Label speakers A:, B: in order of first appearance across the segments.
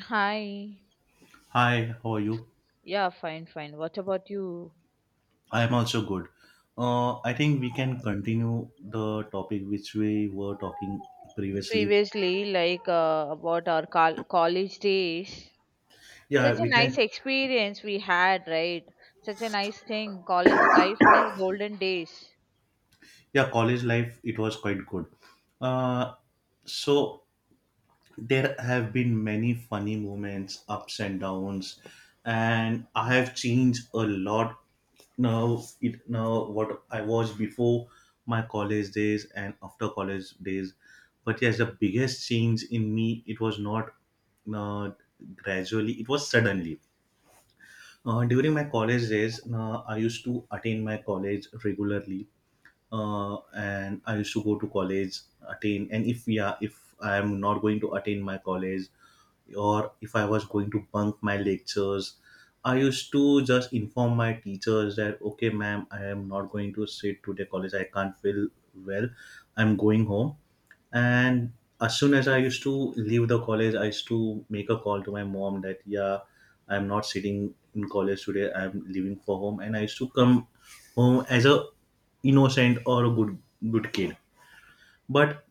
A: Hi.
B: Hi, how are you?
A: Yeah, fine, fine. What about you?
B: I am also good. I think we can continue the topic which we were talking previously.
A: Previously, about our college days, such
B: Yeah,
A: a
B: we can.
A: nice experience we had, right? Such a nice thing. College life means golden days.
B: Yeah, college life, it was quite good. Uh, so there have been many funny moments, ups and downs, and I have changed a lot now. It now what I was before my college days and after college days. But yes, the biggest change in me it was not uh, gradually; it was suddenly. During my college days, I used to attend my college regularly and I used to go to college, attain, and if yeah, if I am not going to attain my college, or if I was going to bunk my lectures, I used to just inform my teachers that okay, ma'am, I am not going to sit today college. I can't feel well. I'm going home, and as soon as I used to leave the college, I used to make a call to my mom that, yeah, I'm not sitting in college today, I'm leaving for home. And I used to come home as a innocent or a good kid. But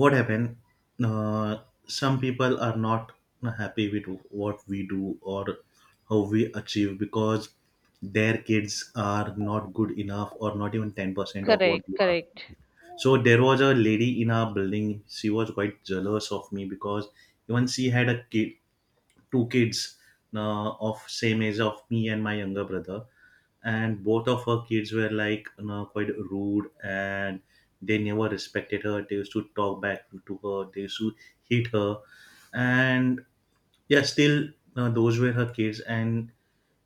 B: what happened, uh, some people are not happy with what we do or how we achieve, because their kids are not good enough or not even 10% of what
A: Correct,
B: you are.
A: correct.
B: So there was a lady in our building. She was quite jealous of me because even she had a kid, two kids of same age of me and my younger brother, and both of her kids were, like, quite rude, and they never respected her. They used to talk back to her. They used to hit her. And yeah, still those were her kids. And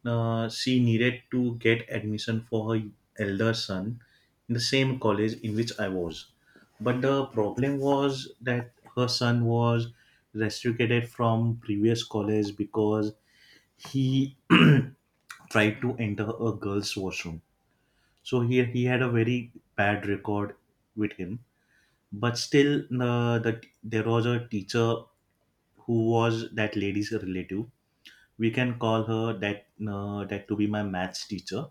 B: she needed to get admission for her elder son in the same college in which I was. But the problem was that her son was restricted from previous college because he tried to enter a girls' washroom. So he had a very bad record with him. But still, there was a teacher who was that lady's relative. We can call her that that to be my maths teacher.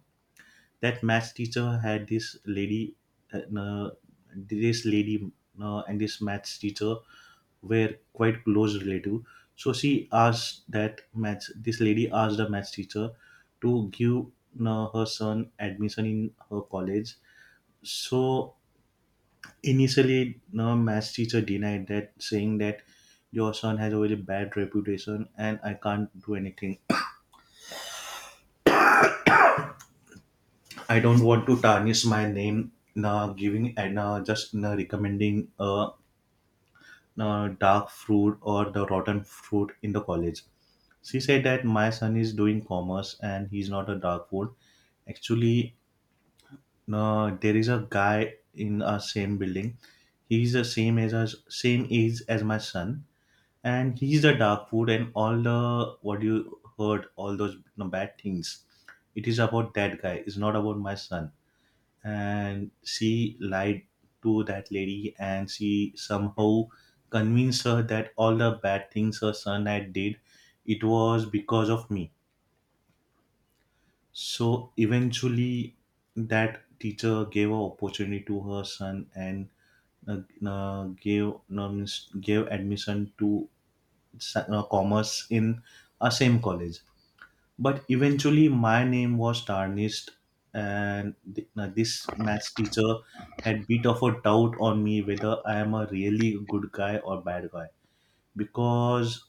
B: That maths teacher had this lady uh, uh, this lady and this maths teacher were quite close relative. So she asked that maths this lady asked the maths teacher to give her son admission in her college. So initially the maths teacher denied that, saying that your son has a very bad reputation and I can't do anything. I don't want to tarnish my name na giving and just na recommending na dark fruit or the rotten fruit in the college. She said that my son is doing commerce and he's not a dark food. Actually, na there is a guy in our same building. He's the same as us, same age as my son, and he's the dark food and all the what you heard, all those, bad things. It is about that guy. It's not about my son. And she lied to that lady, and she somehow convinced her that all the bad things her son had did, it was because of me. So eventually that teacher gave an opportunity to her son, and uh, gave no, means gave admission to commerce in a same college. But eventually, my name was tarnished, and now this maths teacher had bit of a doubt on me whether I am a really good guy or bad guy, because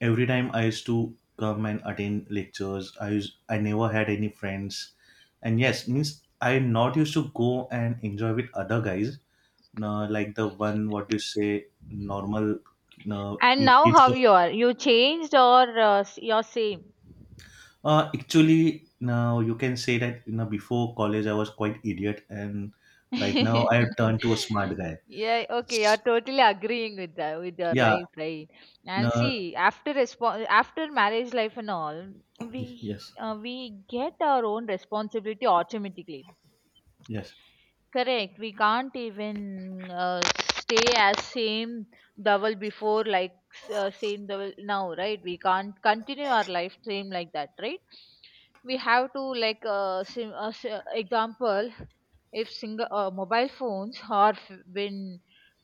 B: every time I used to come and attend lectures, I never had any friends. And yes, means I not used to go and enjoy with other guys, like the one what you say normal uh,
A: And now,
B: kids.
A: how you are? You changed or you're same?
B: Actually, now you can say that, before college I was quite idiot, and right now I have turned to a smart guy.
A: Yeah, okay, you're
B: S-
A: totally agreeing with that with your
B: Yeah,
A: life, right? And
B: no,
A: see, after after marriage life and all, we
B: yes,
A: uh, we get our own responsibility automatically.
B: yes,
A: Correct. We can't even stay as same double before, like same double now, right? We can't continue our life same like that, right? We have to example, if single mobile phones are been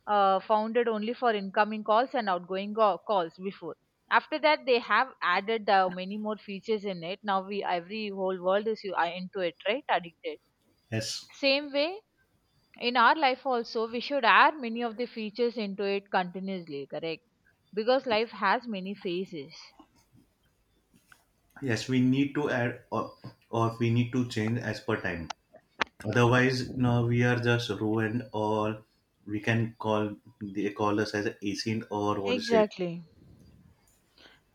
A: founded only for incoming calls and outgoing calls before. After that, they have added many more features in it. Now we every whole world is you are into it, right? Addicted.
B: yes,
A: Same way in our life also we should add many of the features into it continuously, correct, because life has many phases.
B: yes. We need to add, or we need to change as per time. Otherwise, no, we are just ruined, or we can call they call us as a ancient or what is it?
A: Exactly.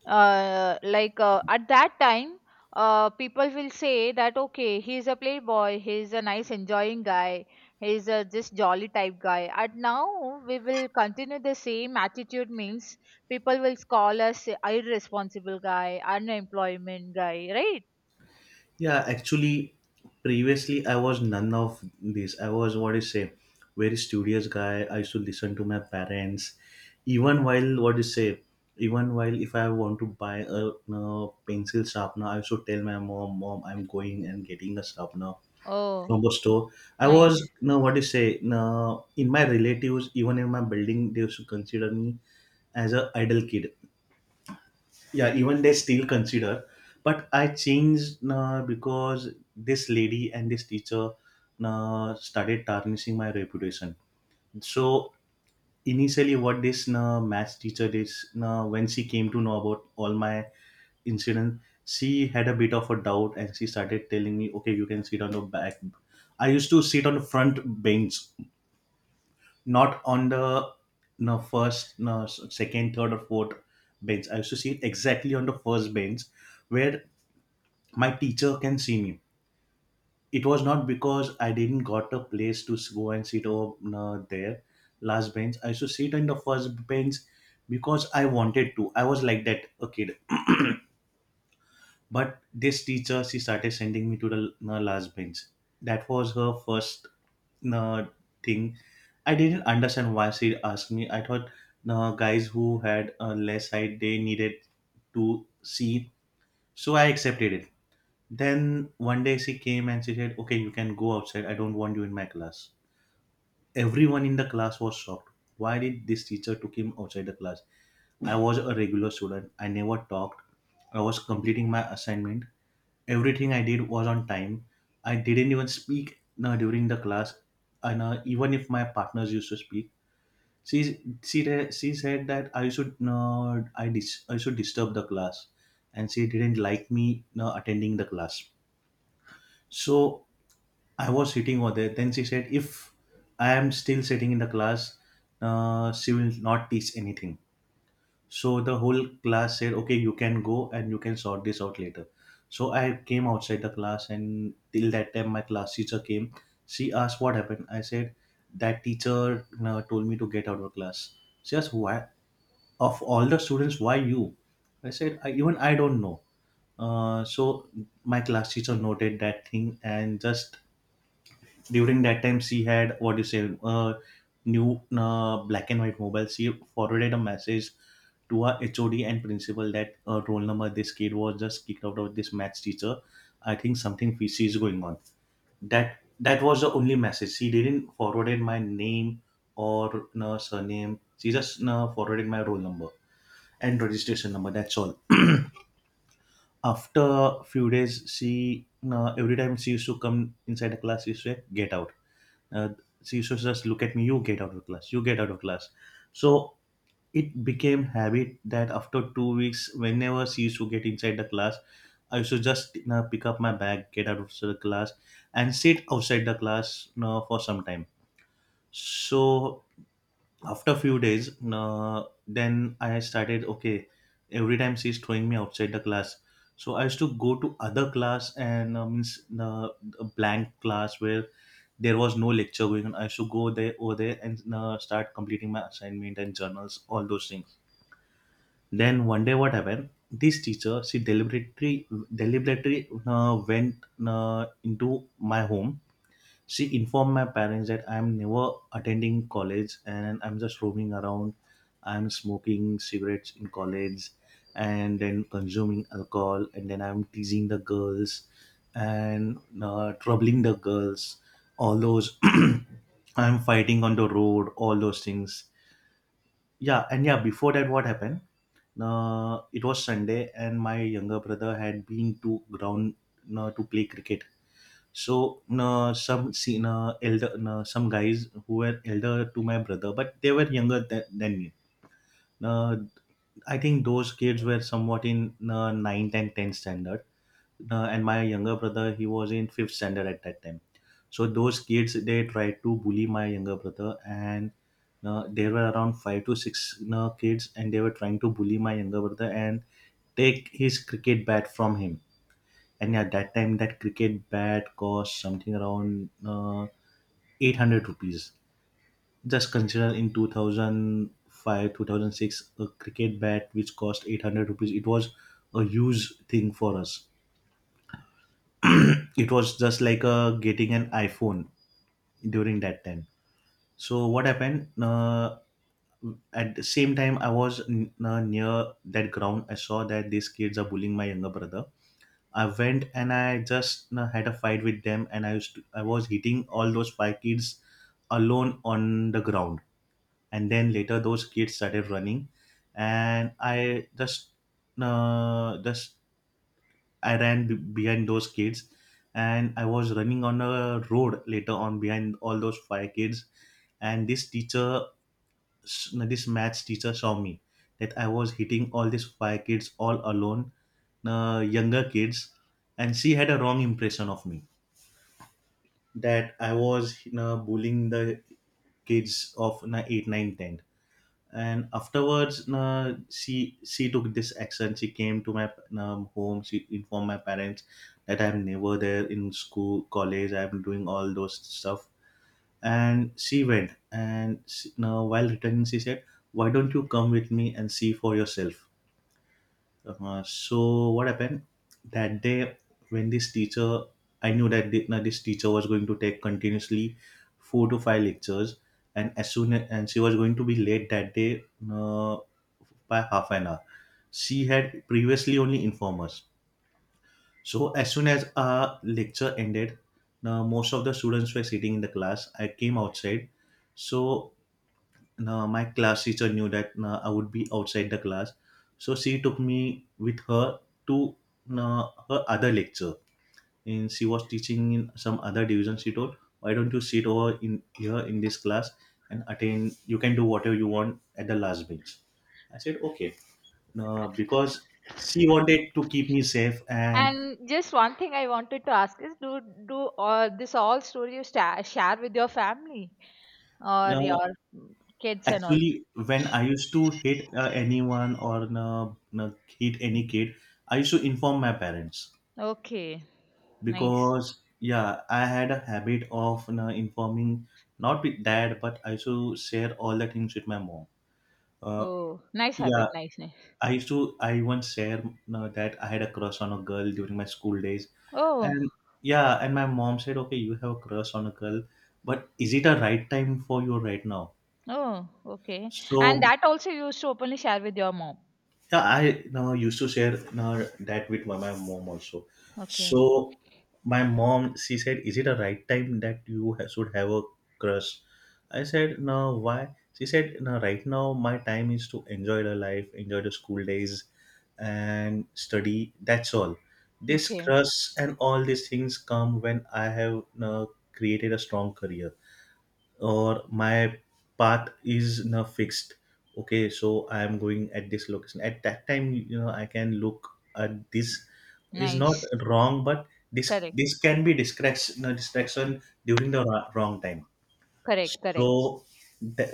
A: At that time people will say that okay, he's a playboy, he's a nice enjoying guy, he's a just jolly type guy, and now we will continue the same attitude means people will call us irresponsible guy, unemployment guy, right?
B: Yeah, actually, previously I was none of this. I was, what do you say, very studious guy. I used to listen to my parents, even while, what do you say, even while if I want to buy a, pencil sharpener, I used to tell my mom, mom, I'm going and getting a sharpener
A: Oh,
B: from the store. I was
A: nice.
B: no, what do you say, no in my relatives, even in my building, they used to consider me as a idle kid. Yeah, even they still consider. But I changed because this lady and this teacher started tarnishing my reputation. So initially what this math teacher did, when she came to know about all my incidents, she had a bit of a doubt, and she started telling me, okay, you can sit on the back. I used to sit on the front bench, not on the no first no second third or fourth bench. I used to sit exactly on the first bench where my teacher can see me. It was not because I didn't got a place to go and sit over there last bench. I used to sit in the first bench because I wanted to. I was like that a kid. But this teacher, she started sending me to the last bench. That was her first uh, thing. I didn't understand why she asked me. I thought guys who had less height, they needed to see. So I accepted it. Then one day she came and she said, okay, you can go outside. I don't want you in my class. Everyone in the class was shocked. Why did this teacher took him outside the class? I was a regular student. I never talked. I was completing my assignment. Everything I did was on time. I didn't even speak during the class. And even if my partners used to speak, she said that I should I should disturb the class, and she didn't like me attending the class. So I was sitting over there. Then she said, if I am still sitting in the class, she will not teach anything. So the whole class said, okay, you can go and you can sort this out later. So I came outside the class, and till that time, my class teacher came. She asked what happened. I said, that teacher told me to get out of class. She asked, why? Of all the students, why you? I said, I, even I don't know. So my class teacher noted that thing, and just during that time, she had, what do you say, new black and white mobile. She forwarded a message to our HOD and principal that roll number this kid was just kicked out of this maths teacher. I think something fishy is going on. That was the only message. She didn't forwarded my name or no surname. She just no, forwarded my roll number and registration number, that's all. After a few days she no, every time she used to come inside the class, she used to say get out. uh, she used to just look at me, you get out of class, you get out of class. So it became habit that after 2 weeks, whenever she used to get inside the class, I used to just, pick up my bag, get out of the class, and sit outside the class, for some time. So after a few days then I started, okay, every time she's throwing me outside the class. So I used to go to other class, and means a blank class where there was no lecture going on, I used to go there over there and start completing my assignment and journals, all those things. Then one day what happened, this teacher, she deliberately went into my home. She informed my parents that I'm never attending college and I'm just roaming around. I'm smoking cigarettes in college and then consuming alcohol and then I'm teasing the girls and troubling the girls. All those I'm fighting on the road, all those things. Yeah, and yeah, before that, what happened? It was Sunday, and my younger brother had been to ground to play cricket. So no, some seen elder no, some guys who were elder to my brother, but they were younger than me. No, I think those kids were somewhat in no, ninth and 10th standard. No, and my younger brother, he was in fifth standard at that time. So those kids, they tried to bully my younger brother, and no, there were around five to six no, kids, and they were trying to bully my younger brother and take his cricket bat from him. And at that time, that cricket bat cost something around, 800 rupees. Just consider, in 2005, 2006, a cricket bat which cost 800 rupees. It was a huge thing for us. It was just like getting an iPhone during that time. So what happened? At the same time, I was near that ground. I saw that these kids are bullying my younger brother. I went and I just had a fight with them, and I was hitting all those five kids alone on the ground, and then later those kids started running, and I just I ran behind those kids, and I was running on a road later on behind all those five kids. And this teacher, this maths teacher saw me, that I was hitting all these five kids all alone, younger kids, and she had a wrong impression of me, that I was, you know, bullying the kids of, you know, 8 9, 10. And afterwards, she took this action. She came to my home. She informed my parents that I'm never there in school college, I'm doing all those stuff. And she went, and she, now while returning, she said, why don't you come with me and see for yourself. So what happened that day, when this teacher, I knew that now this teacher was going to take continuously four to five lectures, and as soon as, and she was going to be late that day, uh, by half an hour. She had previously only informed us. So as soon as our lecture ended, now most of the students were sitting in the class. I came outside. So now my class teacher knew that now I would be outside the class. So she took me with her to now her other lecture. And she was teaching in some other division. She told, why don't you sit over in here in this class and attend, you can do whatever you want at the last bench. I said, okay, because she wanted to keep me safe. And
A: And just one thing I wanted to ask is, do all this all story you sta share with your family or
B: uh,
A: your kids and all?
B: actually, when I used to hit anyone, or hit any kid, I used to inform my parents,
A: Okay, nice.
B: because yeah, I had a habit of informing. Not with dad, but I used to share all the things with my mom. uh,
A: Oh, nice
B: yeah,
A: habit, nice, nice.
B: I used to I once share that I had a crush on a girl during my school days,
A: Oh,
B: and yeah, and my mom said, "Okay, you have a crush on a girl, but is it a right time for you right now?"
A: oh, okay. And
B: So
A: that also you used to openly share with your mom.
B: yeah, I now used to share now that with my mom also.
A: Okay,
B: So my mom, she said, "Is it a right time that you should have a crush?" I said, "No, why?" She said, "No, right now my time is to enjoy the life, enjoy the school days, and study. That's all. This
A: okay,
B: crush and all these things come when I have now created a strong career." Or my path is not fixed. Okay, so I am going at this location at that time, you know, I can look at this. Is not
A: nice.
B: wrong, but this
A: Correct,
B: this can be distraction, during the wrong time.
A: correct, correct.
B: So that,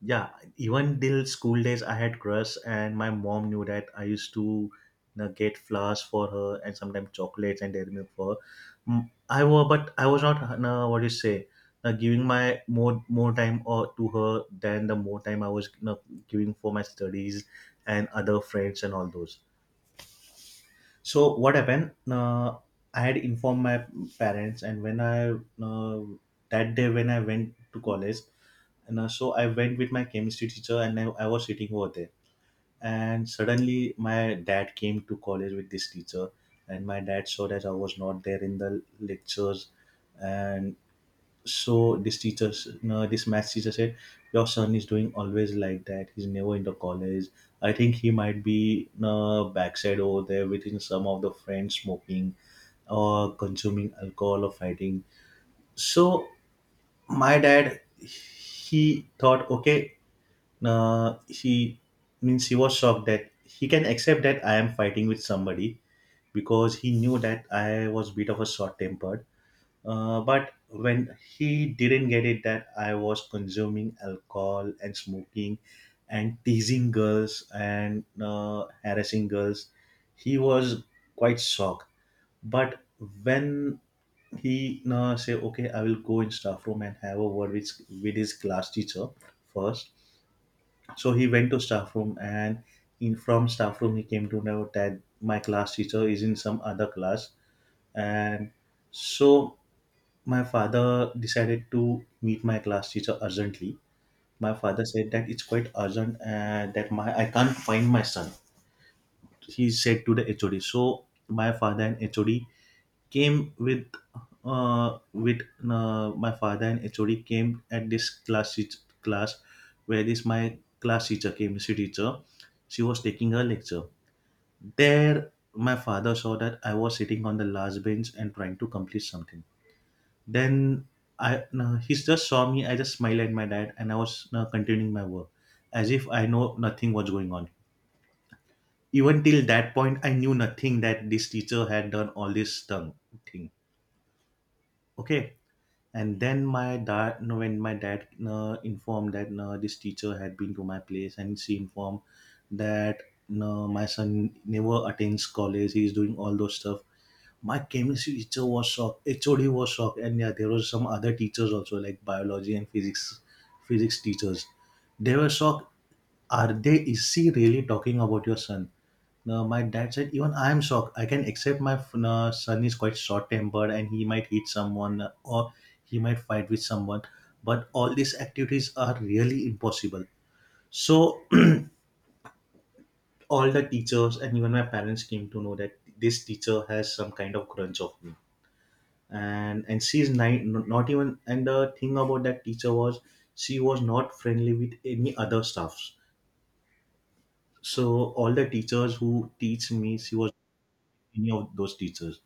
B: yeah, even till school days, I had crush, and my mom knew that I used to, you know, get flowers for her and sometimes chocolates and dairy milk for her. Mm, I was, but I was not, you know, what do you say? Giving my more time or to her than the more time I was, you know, giving for my studies and other friends and all those. So what happened? I had informed my parents, and when I uh, that day when I went to college, and so I went with my chemistry teacher and I was sitting over there. And suddenly my dad came to college with this teacher, and my dad saw that I was not there in the lectures. And so this teacher, s- no, this math teacher said, your son is doing always like that. He's never in the college. I think he might be backside over there within some of the friends, smoking or consuming alcohol or fighting. So my dad, he thought, okay, he means, he was shocked that he can accept that I am fighting with somebody, because he knew that I was bit of a short tempered. But when he didn't get it that I was consuming alcohol and smoking and teasing girls and harassing girls, he was quite shocked. But when he say, okay, I will go in staff room and have a word with his class teacher first. So he went to staff room, and in, from staff room, he came to know that my class teacher is in some other class, and so my father decided to meet my class teacher urgently. My father said that it's quite urgent, and that my I can't find my son. He said to the HOD. So my father and HOD came with my father and HOD came at this class where this, my class teacher, chemistry teacher, she was taking her lecture. There my father saw that I was sitting on the last bench and trying to complete something. Then I no, he just saw me. I just smiled at my dad, and I was continuing my work as if I know nothing was going on. Even till that point, I knew nothing that this teacher had done all this tongue thing. Okay, and then my dad no, when my dad informed that, no, this teacher had been to my place and she informed that, no, my son never attends college, he's doing all those stuff. My chemistry teacher was shocked, HOD was shocked, and yeah, there was some other teachers also, like biology and physics teachers, they were shocked. Are they, is she really talking about your son? No, My dad said, even I am shocked. I can accept my f- no, son is quite short tempered and he might hit someone, or he might fight with someone. But all these activities are really impossible. So, all the teachers and even my parents came to know that this teacher has some kind of grudge of me. And she's not even. And the thing about that teacher was, she was not friendly with any other staffs. So, all the teachers who teach me, she was, any of those teachers,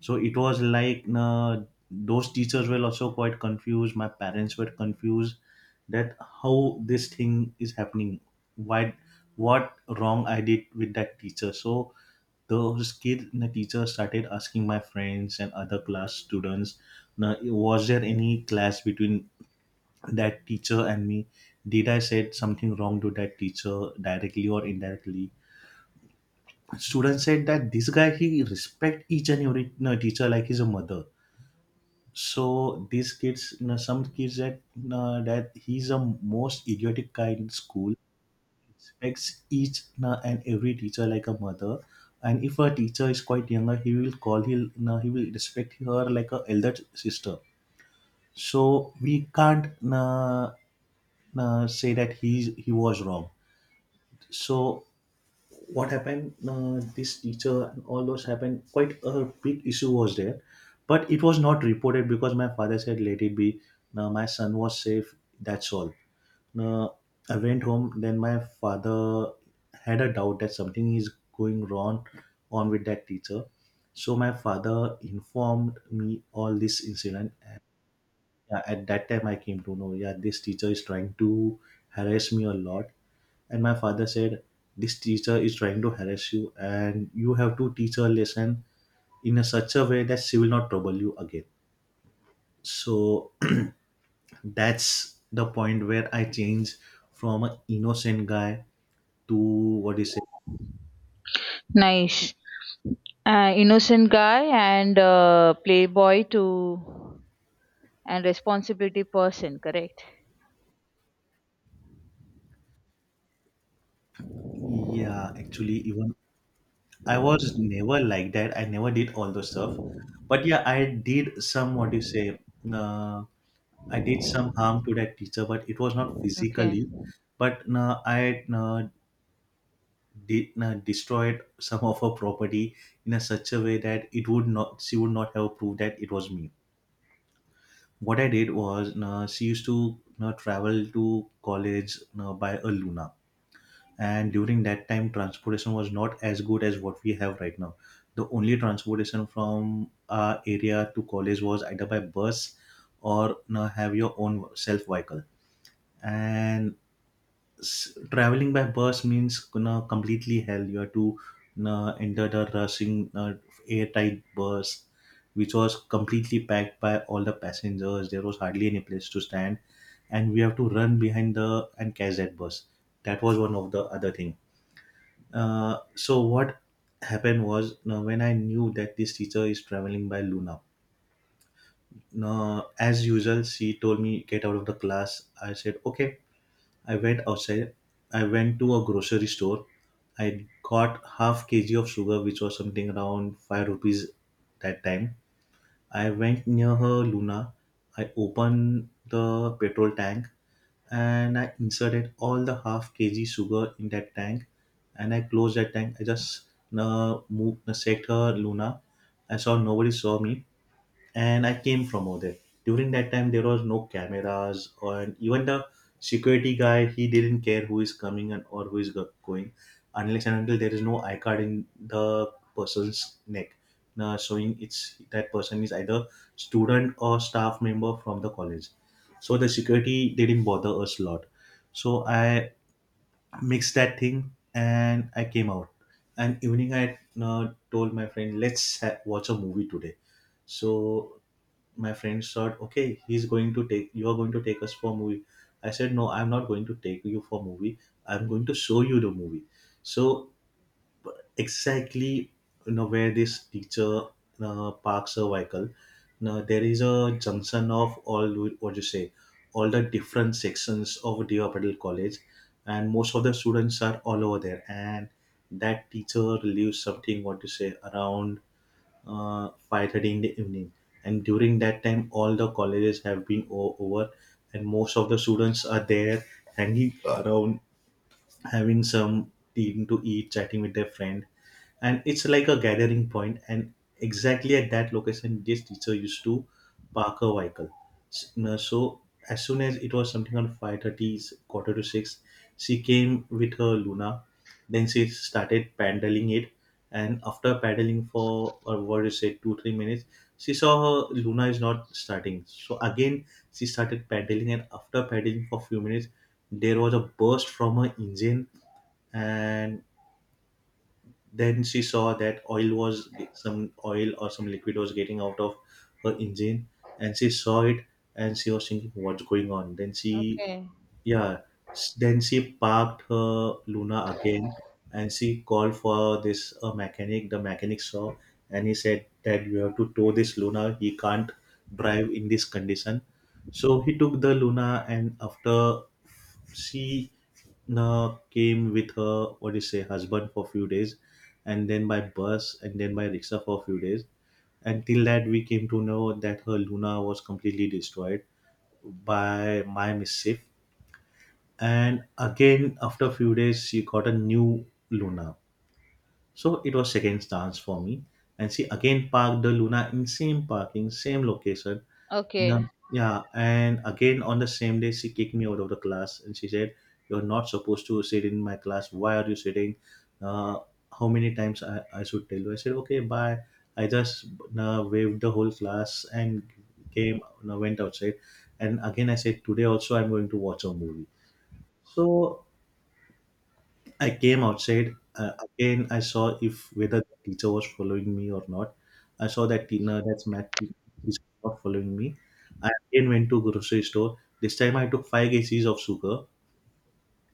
B: so it was like, those teachers were also quite confused, my parents were confused, that how this thing is happening, why, what wrong I did with that teacher. So those kids, the teacher started asking my friends and other class students, now was there any clash between that teacher and me, did I said something wrong to that teacher directly or indirectly. Students said that this guy, he respect each and every, you know, teacher like he's a mother. So these kids, you know, some kids that you, that he's a most idiotic kind in school, expects each you and every teacher like a mother, and if a teacher is quite younger, he will call, he'll, you know, he will respect her like a elder sister. So we can't, you know, say that he was wrong. So what happened, this teacher and all those happened, quite a big issue was there, but it was not reported because my father said, let it be, now my son was safe, that's all. Now I went home, then my father had a doubt that something is going wrong on with that teacher. So my father informed me all this incident. Yeah, at that time I came to know, yeah, this teacher is trying to harass me a lot. And my father said, this teacher is trying to harass you, and you have to teach her a lesson in a such a way that she will not trouble you again. So, that's the point where I changed from an innocent guy to, what is it.
A: Nice. Innocent guy and playboy to and responsibility person, correct?
B: Yeah, actually, even I was never like that, I never did all those stuff, but yeah, I did some, what do you say, uh, I did some harm to that teacher, but it was not
A: Okay.
B: physically. But I did destroyed some of her property in a such a way that it would not, she would not have proved that it was me. What I did was she used to travel to college by a Luna, and during that time transportation was not as good as what we have right now. The only transportation from our area to college was either by bus or have your own self vehicle, and traveling by bus means, completely hell. You have to, enter the rushing airtight bus, which was completely packed by all the passengers. There was hardly any place to stand, and we have to run behind the and catch that bus. That was one of the other thing. So what happened was, now when I knew that this teacher is traveling by Luna. Now, as usual, she told me get out of the class. I said okay, I went outside. I went to a grocery store. I got half kg of sugar, which was something around 5 rupees that time. I went near her Luna. I opened the petrol tank and I inserted all the half kg sugar in that tank, and I closed that tank. I just moved, set her Luna. I saw nobody saw me, and I came from over there. During that time, there was no cameras, and even the security guy, he didn't care who is coming and or who is going, unless and until there is no I card in the person's neck, showing it's that person is either student or staff member from the college. So the security didn't bother us a lot. So I mixed that thing and I came out. And evening I told my friend, let's watch a movie today. So my friends thought, okay, he's going to take, you are going to take us for a movie. I said, no, I'm not going to take you for a movie, I'm going to show you the movie. So b- exactly, you know where this teacher parks her vehicle. Now there is a junction of all what you say, all the different sections of Dewa College, and most of the students are all over there, and that teacher leaves something, what you say, around 5:30 in the evening, and during that time all the colleges have been over, and most of the students are there hanging around, having some thing to eat, chatting with their friend, and it's like a gathering point. And exactly at that location, this teacher used to park her vehicle. So as soon as it was something on 5:30, quarter to six, she came with her Luna. Then she started paddling it, and after paddling for, or what is it, two three minutes, she saw her Luna is not starting. So again, she started paddling, and after paddling for few minutes, there was a burst from her engine, and then she saw that oil was, some oil or some liquid was getting out of her engine, and she saw it, and she was thinking what's going on, then she,
A: Okay.
B: yeah. Then she parked her Luna again, and she called for this mechanic. The mechanic saw and he said that you have to tow this Luna. He can't drive in this condition. So he took the Luna, and after she came with her, what do you say, husband for a few days, and then by bus, and then by rickshaw for a few days. Until that, we came to know that her Luna was completely destroyed by my mischief. And again, after a few days she got a new Luna. So it was second chance for me, and she again parked the Luna in same parking, same location.
A: Okay.
B: No, yeah, and again on the same day she kicked me out of the class and she said, you're not supposed to sit in my class, why are you sitting, uh, how many times I should tell you. I said okay, bye, I just waved the whole class and came, went outside, and again I said, today also I'm going to watch a movie. So I came outside. Again, I saw if whether the teacher was following me or not. I saw that no, that's math he's not following me. I again went to grocery store. This time I took 5 kgs of sugar,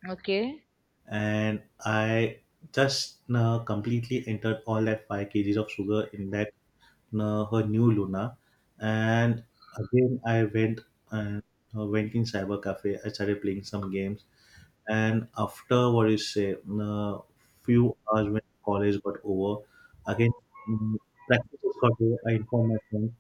A: Okay.
B: and I just completely entered all that 5 kgs of sugar in that her new Luna. And again, I went and went in cyber cafe. I started playing some games, and after what you say, uh, few hours when college got over, again mm, practice got over, I informed my friends,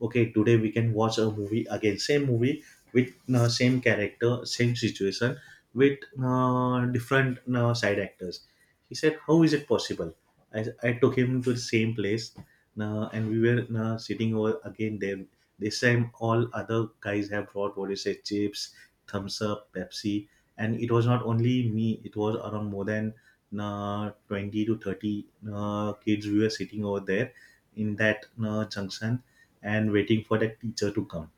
B: okay, today we can watch a movie again, same movie with same character, same situation, with different side actors. He said how is it possible. I took him to the same place, and we were sitting over again there. This time all other guys have brought, what you say, chips, thumbs up, pepsi. And it was not only me, it was around more than 20 to 30 kids we were sitting over there in that junction, and waiting for that teacher to come.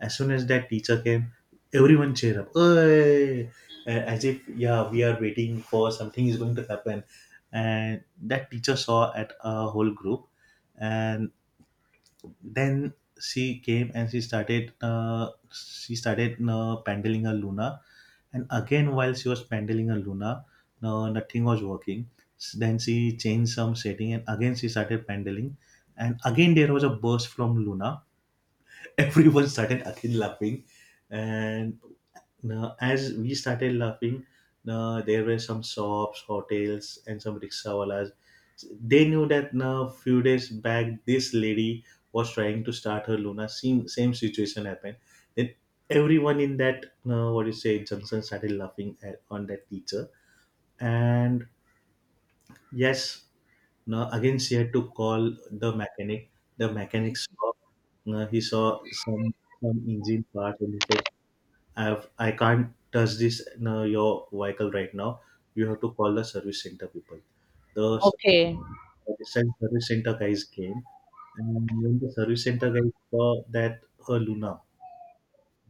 B: As soon as that teacher came, everyone cheered up, "Hey!" As if, yeah, we are waiting for something is going to happen. And that teacher saw at a whole group, and then she came, and she started pandling a Luna, and again while she was pandling a Luna, no, nothing was working. Then she changed some setting and again she started pandling, and again there was a burst from Luna. Everyone started again laughing. And now as we started laughing, now there were some shops, hotels and some rickshawalas. They knew that now, few days back, this lady was trying to start her Luna, same situation happened. Then everyone in that what do you say junction started laughing at, on that teacher. And yes, now again she had to call the mechanic. The mechanic saw, he saw some engine part, and he said, "I have I can't touch this, your vehicle right now. You have to call the service center people." The s-
A: Okay.
B: service cen- service center guys came, and when the service center guys saw that her Luna,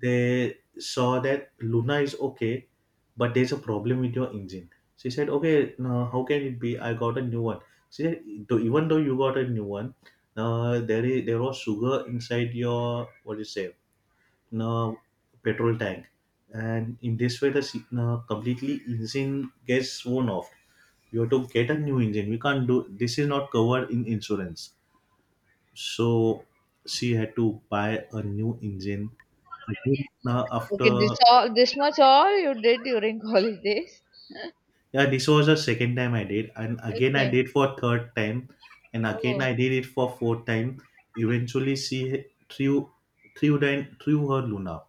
B: they saw that Luna is okay, but there's a problem with your engine. She said, okay, now how can it be? I got a new one. She said, Even though you got a new one, there was sugar inside your, what do you say, no, petrol tank, and in this way completely engine gets worn off. You have to get a new engine. We can't do, this is not covered in insurance." So she had to buy a new engine again,
A: Okay.
B: after.
A: This all this much all you did during holidays.
B: Yeah, this was the second time I did, and again I
A: Okay.
B: did for third time, and again
A: Oh,
B: I did it for fourth time. Eventually, she threw her Luna,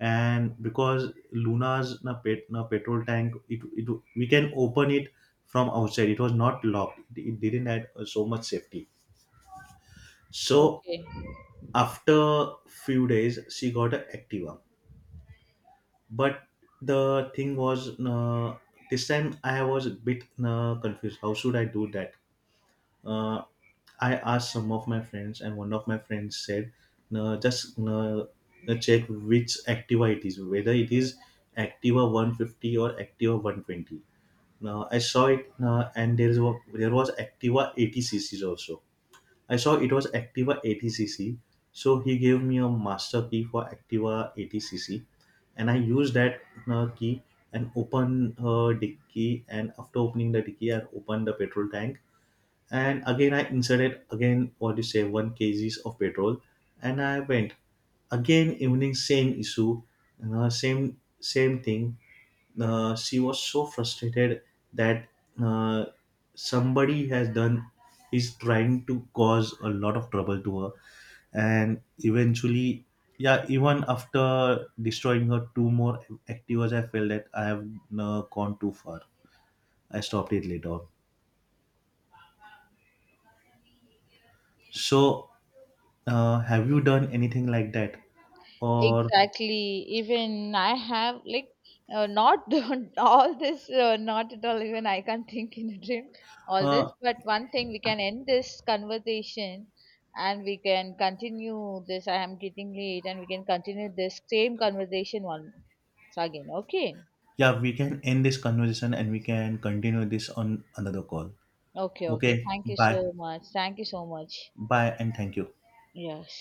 B: and because Luna's na pet na petrol tank, it we can open it from outside. It was not locked. It didn't have so much safety. So
A: okay.
B: after few days, she got an Activa, but the thing was, this time I was a bit confused. How should I do that? Uh, I asked some of my friends, and one of my friends said, no, just no, check which Activa it is, whether it is Activa 150 or Activa 120. Now I saw it, and there was Activa 80cc's also. I saw it was Activa 80cc, so he gave me a master key for Activa 80cc, and I used that key and open dicky. And after opening the dicky, I opened the petrol tank, and again I inserted, again what do you say, 1 kgs of petrol, and I went. Again, evening, same issue, same thing. She was so frustrated that, uh, somebody has done, is trying to cause a lot of trouble to her. And eventually, yeah, even after destroying her two more activas, I felt that I have gone too far. I stopped it later on. So Have you done anything like that? Or,
A: Exactly. Even I have like not all this, not at all. Even I can't think in a dream all this.
B: uh,
A: But one thing, we can end this conversation and we can continue this. I am getting late and we can continue this same conversation once again. Okay.
B: yeah, we can end this conversation, and we can continue this on another call.
A: Okay, okay.
B: Okay,
A: Thank you
B: bye.
A: so much. Thank you so much.
B: Bye and thank you.
A: Yes.